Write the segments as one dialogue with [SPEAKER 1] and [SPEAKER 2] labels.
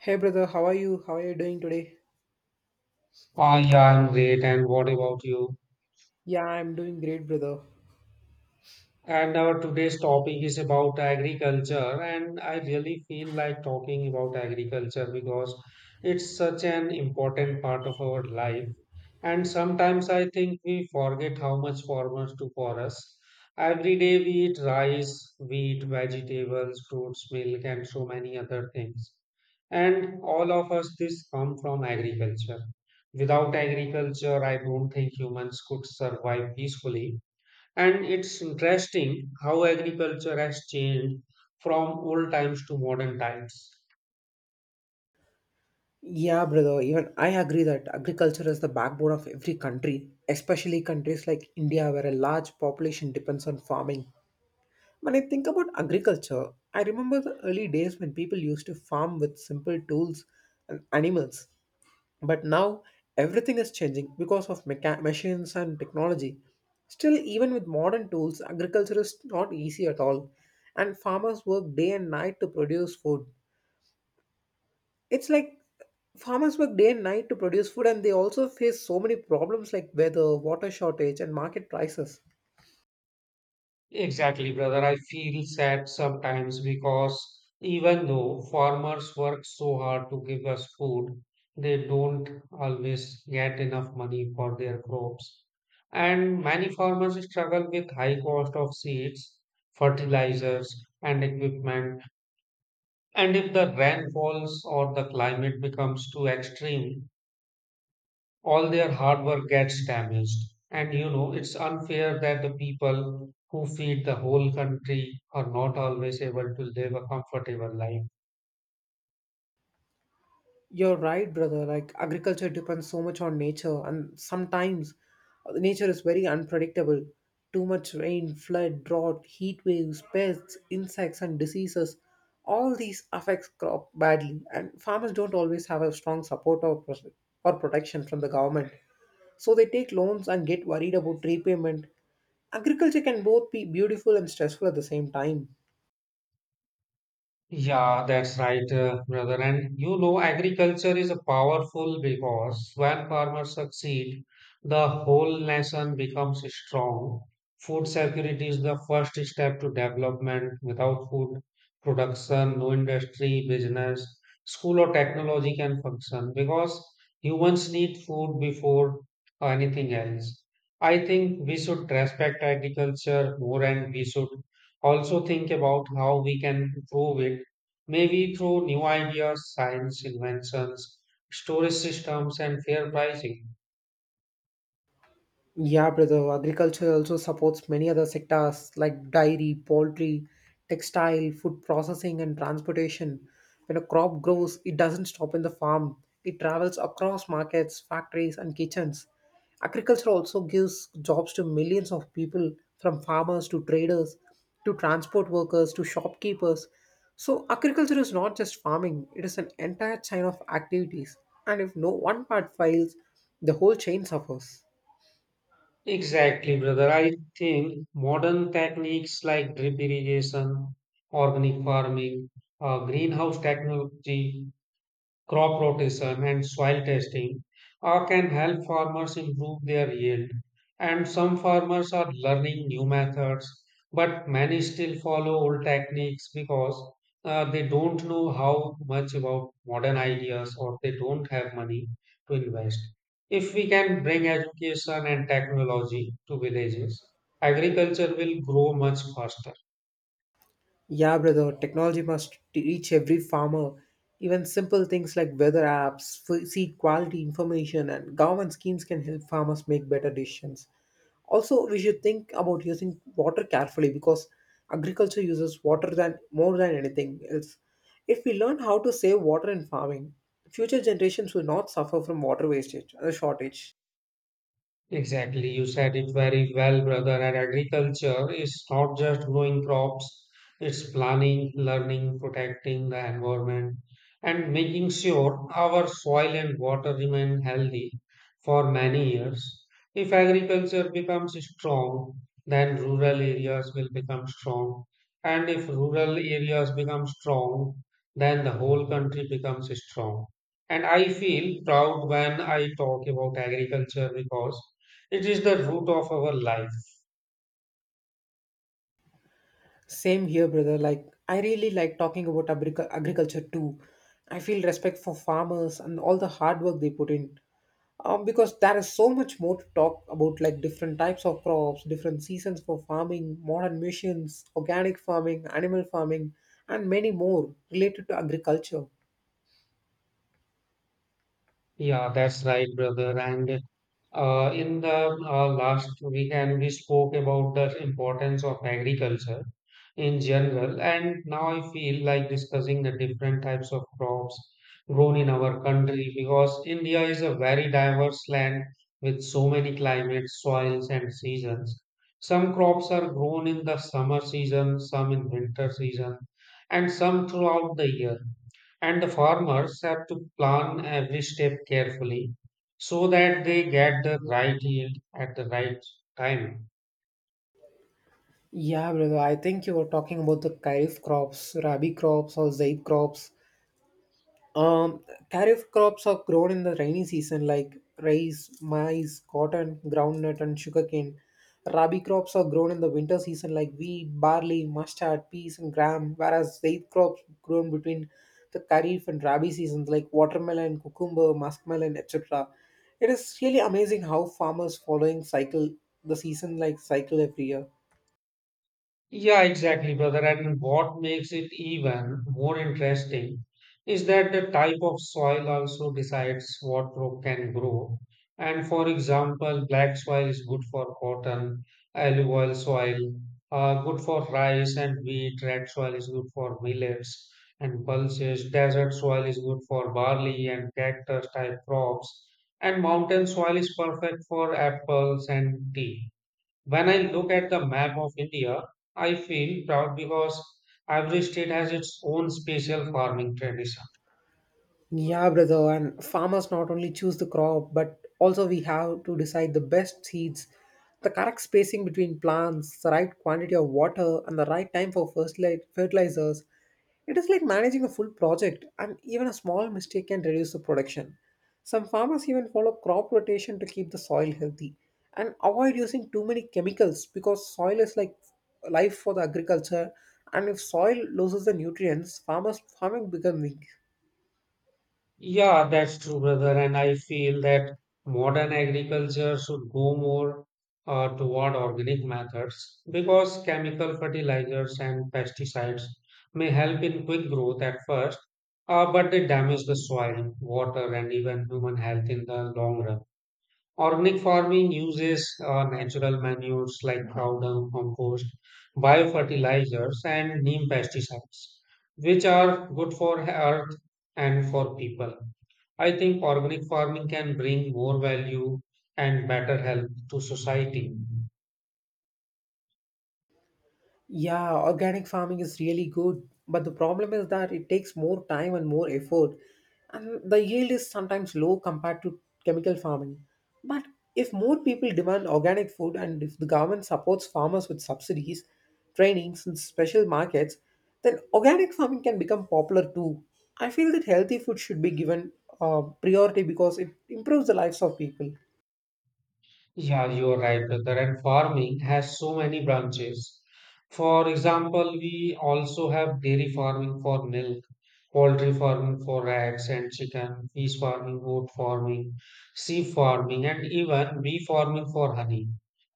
[SPEAKER 1] Hey brother, how are you? How are you doing today?
[SPEAKER 2] Ah, yeah, I'm great. And what about you?
[SPEAKER 1] Yeah, I'm doing great, brother.
[SPEAKER 2] And our today's topic is about agriculture, and I really feel like talking about agriculture because it's such an important part of our life. And sometimes I think we forget how much farmers do for us. Every day we eat rice, wheat, vegetables, fruits, milk, and so many other things. And all of us, this come from agriculture. Without agriculture, I don't think humans could survive peacefully and it's interesting how agriculture has changed from old times to modern times.
[SPEAKER 1] Yeah, brother, even I agree that agriculture is the backbone of every country, especially countries like India, where a large population depends on farming. When I think about agriculture, I remember the early days when people used to farm with simple tools and animals. But now everything is changing because of machines and technology. Still, even with modern tools, agriculture is not easy at all, and farmers work day and night to produce food. It's like Farmers work day and night to produce food, and they also face so many problems like weather, water shortage, and market prices.
[SPEAKER 2] Exactly, brother. I feel sad sometimes because even though farmers work so hard to give us food, they don't always get enough money for their crops. And many farmers struggle with high cost of seeds, fertilizers, and equipment. And if the rain falls or the climate becomes too extreme, all their hard work gets damaged. And you know, it's unfair that the people who feed the whole country are not always able to live a comfortable life.
[SPEAKER 1] You're right, brother. Like, agriculture depends so much on nature, and sometimes nature is very unpredictable. Too much rain, flood, drought, heat waves, pests, insects, and diseases. All these affects crop badly, and farmers don't always have a strong support or protection from the government. So they take loans and get worried about repayment. Agriculture can both be beautiful and stressful at the same time.
[SPEAKER 2] Yeah, that's right, brother. And you know, agriculture is a powerful because when farmers succeed, the whole nation becomes strong. Food security is the first step to development. Without food production, no industry, business, school, or technology can function because humans need food before anything else. I think we should respect agriculture more and we should also think about how we can improve it. Maybe through new ideas, science inventions, storage systems, and fair pricing.
[SPEAKER 1] Yeah, brother. Agriculture also supports many other sectors like dairy, poultry, textile, food processing, and transportation. When a crop grows, it doesn't stop in the farm, it travels across markets, factories, and kitchens. Agriculture also gives jobs to millions of people, from farmers to traders to transport workers to shopkeepers. So, agriculture is not just farming, it is an entire chain of activities. And if no one part fails, the whole chain suffers.
[SPEAKER 2] Exactly, brother. I think modern techniques like drip irrigation, organic farming, greenhouse technology, crop rotation and soil testing can help farmers improve their yield. And some farmers are learning new methods, but many still follow old techniques because they don't know how much about modern ideas or they don't have money to invest. If we can bring education and technology to villages, agriculture will grow much faster.
[SPEAKER 1] Yeah, brother, technology must reach every farmer. Even simple things like weather apps, seed quality information, and government schemes can help farmers make better decisions. Also, we should think about using water carefully because agriculture uses water than more than anything else. If we learn how to save water in farming, future generations will not suffer from water wastage or shortage.
[SPEAKER 2] Exactly, you said it very well, brother. And agriculture is not just growing crops, it's planning, learning, protecting the environment, and making sure our soil and water remain healthy for many years. If agriculture becomes strong, then rural areas will become strong. And if rural areas become strong, then the whole country becomes strong. And I feel proud when I talk about agriculture because it is the root of our life.
[SPEAKER 1] Same here, brother. Like, I really like talking about agriculture too. I feel respect for farmers and all the hard work they put in. Because there is so much more to talk about, like different types of crops, different seasons for farming, modern missions, organic farming, animal farming, and many more related to agriculture.
[SPEAKER 2] Yeah, that's right, brother. And in the last weekend, we spoke about the importance of agriculture in general. And now I feel like discussing the different types of crops grown in our country because India is a very diverse land with so many climates, soils, and seasons. Some crops are grown in the summer season, some in winter season, and some throughout the year. And the farmers have to plan every step carefully so that they get the right yield at the right time.
[SPEAKER 1] Yeah, brother, I think you were talking about the kharif crops, rabi crops, or zaid crops. Um, Kharif crops are grown in the rainy season like rice, maize, cotton, groundnut, and sugarcane. Rabi crops are grown in the winter season like wheat, barley, mustard, peas, and gram, whereas Zaid crops grown between the Kharif and Rabi seasons like watermelon, cucumber, muskmelon, etc. It is really amazing how farmers following cycle the season like cycle every year.
[SPEAKER 2] Yeah, exactly, brother. And what makes it even more interesting is that the type of soil also decides what crop can grow. And for example, black soil is good for cotton, olive oil soil, good for rice and wheat, red soil is good for millets and pulses, desert soil is good for barley and cactus type crops, and mountain soil is perfect for apples and tea. When I look at the map of India, I feel proud because every state has its own special farming tradition.
[SPEAKER 1] Yeah, brother, and farmers not only choose the crop, but also we have to decide the best seeds, the correct spacing between plants, the right quantity of water, and the right time for first light fertilizers. It is like managing a full project, and even a small mistake can reduce the production. Some farmers even follow crop rotation to keep the soil healthy and avoid using too many chemicals because soil is like life for the agriculture. And if soil loses the nutrients, farmers farming becomes weak.
[SPEAKER 2] Yeah, that's true, brother. And I feel that modern agriculture should go more toward organic methods because chemical fertilizers and pesticides may help in quick growth at first, but they damage the soil, water, and even human health in the long run. Organic farming uses natural manures like cow dung compost, biofertilizers, and neem pesticides, which are good for earth and for people. I think organic farming can bring more value and better health to society.
[SPEAKER 1] Yeah, organic farming is really good, but the problem is that it takes more time and more effort, and the yield is sometimes low compared to chemical farming. But if more people demand organic food and if the government supports farmers with subsidies, trainings, and special markets, then organic farming can become popular too. I feel that healthy food should be given priority because it improves the lives of people.
[SPEAKER 2] Yeah, you're right, brother. And farming has so many branches. For example, we also have dairy farming for milk, poultry farming for eggs and chicken, fish farming, goat farming, sea farming, and even bee farming for honey.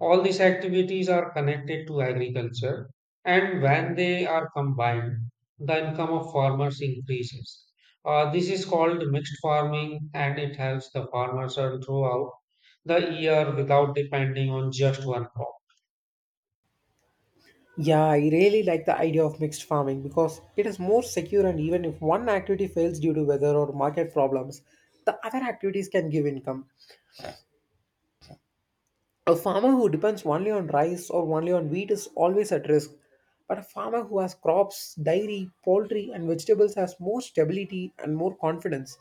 [SPEAKER 2] All these activities are connected to agriculture, and when they are combined, the income of farmers increases. This is called mixed farming, and it helps the farmers earn throughout the year without depending on just one crop.
[SPEAKER 1] Yeah, I really like the idea of mixed farming because it is more secure, and even if one activity fails due to weather or market problems, the other activities can give income. A farmer who depends only on rice or only on wheat is always at risk, but a farmer who has crops, dairy, poultry, and vegetables has more stability and more confidence.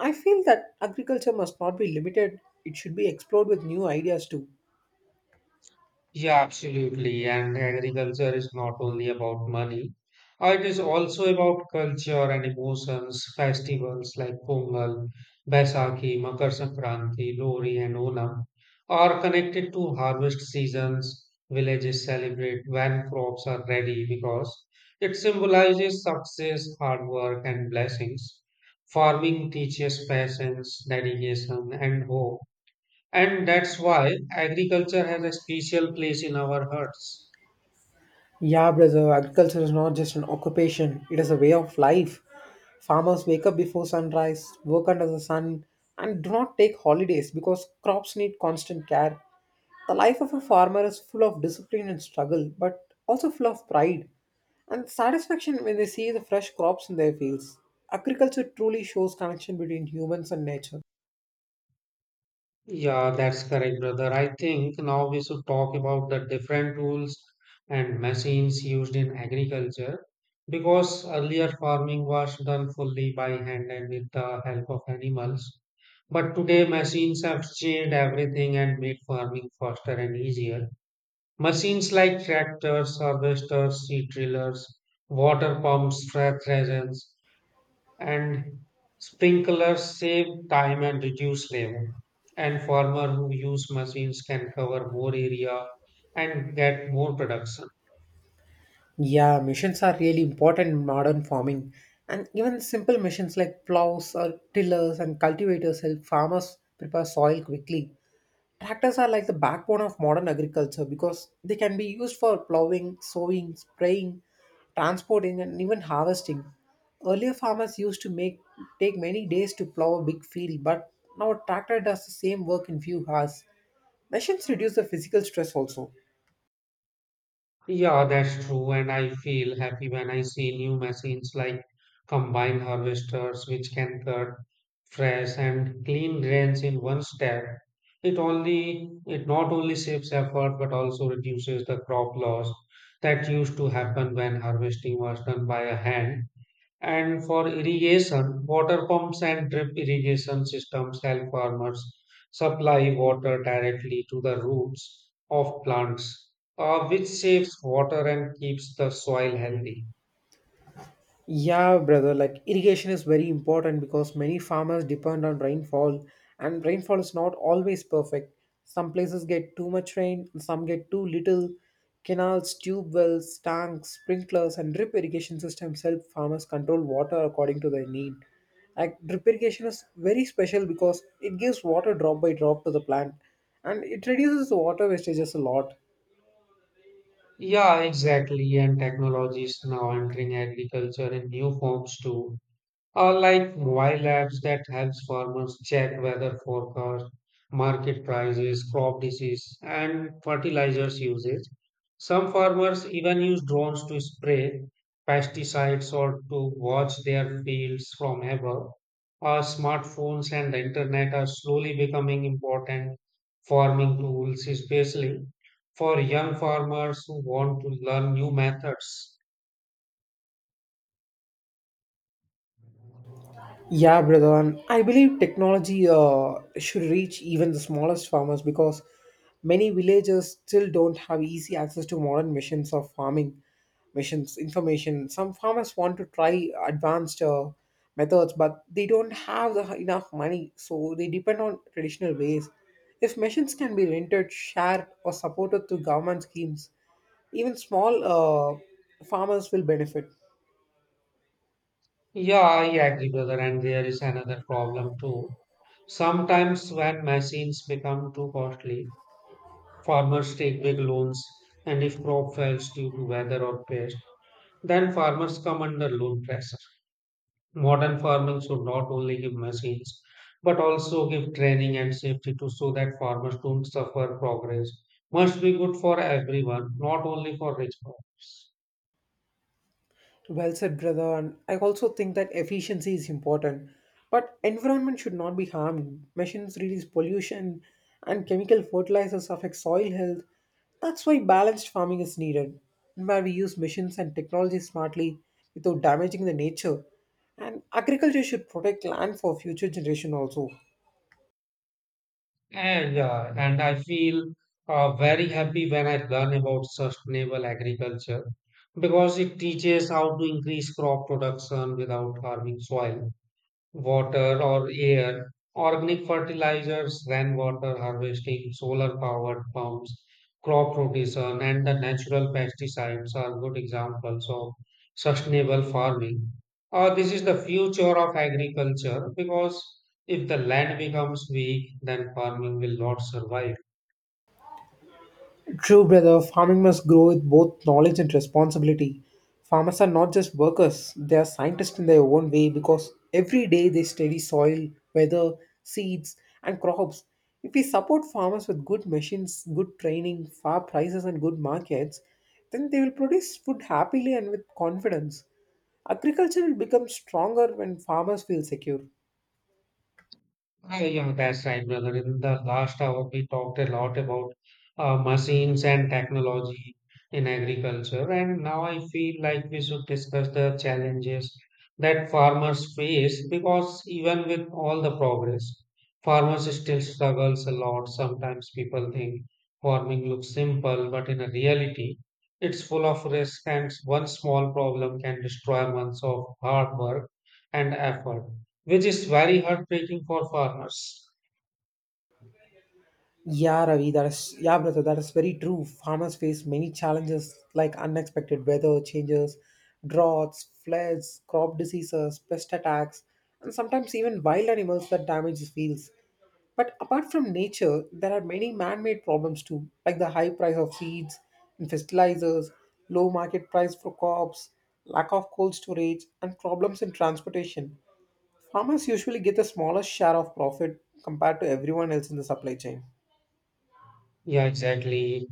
[SPEAKER 1] I feel that agriculture must not be limited, it should be explored with new ideas too.
[SPEAKER 2] Yeah, absolutely. And agriculture is not only about money, it is also about culture and emotions. Festivals like Pongal, Baisakhi, Makar Sankranti, Lori, and Onam are connected to harvest seasons. Villages celebrate when crops are ready because it symbolizes success, hard work, and blessings. Farming teaches patience, dedication, and hope. And that's why agriculture has a special place in our hearts.
[SPEAKER 1] Yeah, brother, agriculture is not just an occupation, it is a way of life. Farmers wake up before sunrise, work under the sun, and do not take holidays because crops need constant care. The life of a farmer is full of discipline and struggle, but also full of pride and satisfaction when they see the fresh crops in their fields. Agriculture truly shows connection between humans and nature.
[SPEAKER 2] Yeah, that's correct, brother. I think now we should talk about the different tools and machines used in agriculture because earlier farming was done fully by hand and with the help of animals. But today, machines have changed everything and made farming faster and easier. Machines like tractors, harvesters, seed drillers, water pumps, fertilizers, and sprinklers save time and reduce labor. And farmer who use machines can cover more area and get more production.
[SPEAKER 1] Yeah, machines are really important in modern farming. And even simple machines like plows or tillers and cultivators help farmers prepare soil quickly. Tractors are like the backbone of modern agriculture because they can be used for plowing, sowing, spraying, transporting, and even harvesting. Earlier, farmers used to make take many days to plow a big field, but now a tractor does the same work in few hours. Machines reduce the physical stress also.
[SPEAKER 2] Yeah, that's true, and I feel happy when I see new machines like combine harvesters which can cut fresh and clean grains in one step. It only it not only saves effort but also reduces the crop loss that used to happen when harvesting was done by a hand. And for irrigation, water pumps and drip irrigation systems help farmers supply water directly to the roots of plants, which saves water and keeps the soil healthy.
[SPEAKER 1] Yeah, brother, like irrigation is very important because many farmers depend on rainfall, and rainfall is not always perfect. Some places get too much rain, some get too little. Canals, tube wells, tanks, sprinklers, and drip irrigation systems help farmers control water according to their need. Like, drip irrigation is very special because it gives water drop by drop to the plant, and it reduces the water wastages a lot.
[SPEAKER 2] Yeah, exactly. And technology is now entering agriculture in new forms too. Or like mobile apps that helps farmers check weather forecast, market prices, crop disease, and fertilizers usage. Some farmers even use drones to spray pesticides or to watch their fields from above. Our smartphones and the internet are slowly becoming important farming tools, especially for young farmers who want to learn new methods.
[SPEAKER 1] Yeah, brother, and I believe technology should reach even the smallest farmers because many villagers still don't have easy access to modern missions of farming, missions information. Some farmers want to try advanced methods, but they don't have the, enough money, so they depend on traditional ways. If missions can be rented, shared, or supported through government schemes, even small farmers will benefit.
[SPEAKER 2] Yeah, I agree, brother. And there is another problem too. Sometimes, when machines become too costly, farmers take big loans, and if crop fails due to weather or pest, then farmers come under loan pressure. Modern farming should not only give machines but also give training and safety to so that farmers don't suffer. Progress must be good for everyone, not only for rich. People.
[SPEAKER 1] Well said, brother. And I also think that efficiency is important, but environment should not be harmed. Machines release pollution, and chemical fertilizers affect soil health. That's why balanced farming is needed, where we use machines and technology smartly without damaging the nature. And agriculture should protect land for future generation also.
[SPEAKER 2] And yeah, and I feel very happy when I learn about sustainable agriculture because it teaches how to increase crop production without harming soil water or air, organic fertilizers, rainwater harvesting, solar powered pumps, crop rotation, and the natural pesticides are good examples of sustainable farming. This is the future of agriculture because if the land becomes weak, then farming will not survive.
[SPEAKER 1] True, brother, farming must grow with both knowledge and responsibility. Farmers are not just workers, they are scientists in their own way because every day they study soil, weather, seeds, and crops. If we support farmers with good machines, good training, fair prices, and good markets, then they will produce food happily and with confidence. Agriculture will become stronger when farmers feel secure.
[SPEAKER 2] Ah, yeah, that's right, brother. In the last hour, we talked a lot about machines and technology in agriculture, and now I feel like we should discuss the challenges that farmers face because even with all the progress, farmers still struggles a lot. Sometimes people think farming looks simple, but in reality, it's full of risk, and one small problem can destroy months of hard work and effort which is very heartbreaking for farmers.
[SPEAKER 1] Yeah, brother, that is very true. Farmers face many challenges like unexpected weather changes, droughts, floods, crop diseases, pest attacks, and sometimes even wild animals that damage fields. But apart from nature, there are many man-made problems too, like the high price of seeds and fertilizers, low market price for crops, lack of cold storage, and problems in transportation. Farmers usually get the smallest share of profit compared to everyone else in the supply chain.
[SPEAKER 2] Yeah, exactly.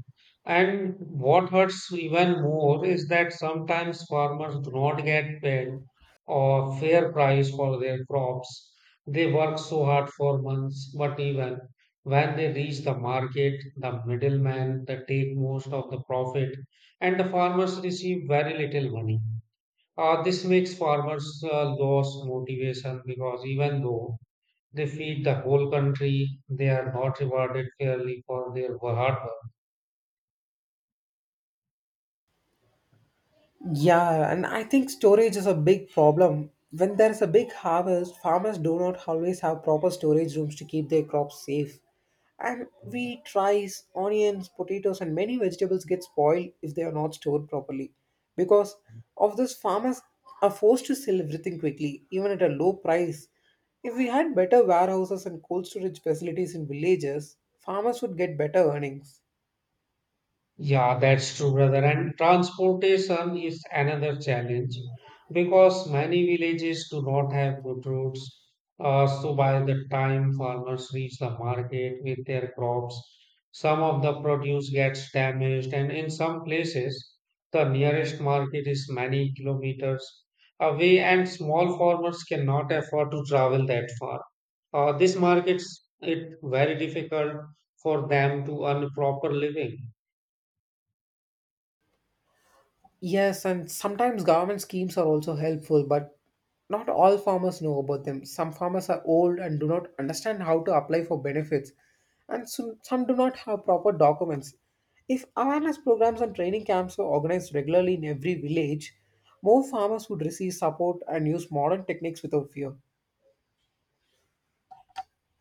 [SPEAKER 2] And what hurts even more is that sometimes farmers do not get paid or fair price for their crops. They work so hard for months, but even when they reach the market, the middlemen they take most of the profit, and the farmers receive very little money. This makes farmers lose motivation because even though They feed the whole country. They are not rewarded fairly for their hard work.
[SPEAKER 1] Yeah, and I think storage is a big problem. When there is a big harvest, farmers do not always have proper storage rooms to keep their crops safe. And wheat, rice, onions, potatoes, and many vegetables get spoiled if they are not stored properly. Because of this, farmers are forced to sell everything quickly, even at a low price. If we had better warehouses and cold storage facilities in villages, farmers would get better earnings.
[SPEAKER 2] Yeah, that's true, brother. And transportation is another challenge because many villages do not have good roads. So by the time farmers reach the market with their crops, some of the produce gets damaged, and in some places, the nearest market is many kilometers away, and small farmers cannot afford to travel that far. This markets it very difficult for them to earn proper living.
[SPEAKER 1] Yes, and sometimes government schemes are also helpful, but not all farmers know about them. Some farmers are old and do not understand how to apply for benefits, and some do not have proper documents. If awareness programs and training camps were organized regularly in every village, more farmers would receive support and use modern techniques without fear.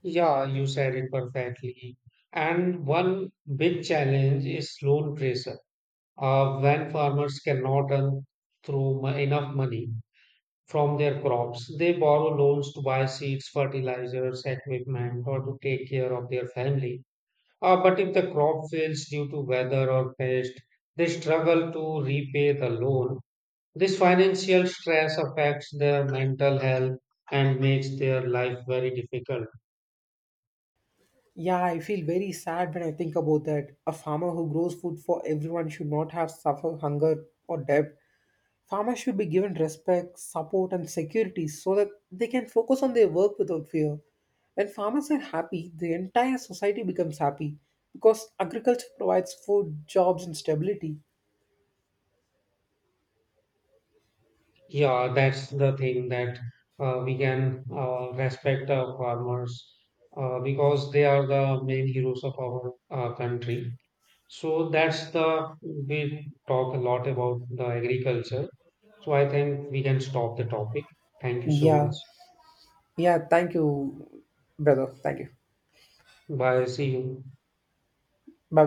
[SPEAKER 2] Yeah, you said it perfectly. And one big challenge is loan pressure. When farmers cannot earn through enough money from their crops, they borrow loans to buy seeds, fertilizers, equipment, or to take care of their family. But if the crop fails due to weather or pest, they struggle to repay the loan. This financial stress affects their mental health and makes their life very difficult.
[SPEAKER 1] Yeah, I feel very sad when I think about that. A farmer who grows food for everyone should not have suffer hunger or debt. Farmers should be given respect, support, and security so that they can focus on their work without fear. When farmers are happy, the entire society becomes happy because agriculture provides food, jobs, and stability.
[SPEAKER 2] Yeah, that's the thing that we can respect our farmers because they are the main heroes of our country. So that's the we talk a lot about the agriculture. So I think we can stop the topic. Thank you so much.
[SPEAKER 1] Yeah, yeah, thank you, brother. Thank you.
[SPEAKER 2] Bye. See you.
[SPEAKER 1] Bye.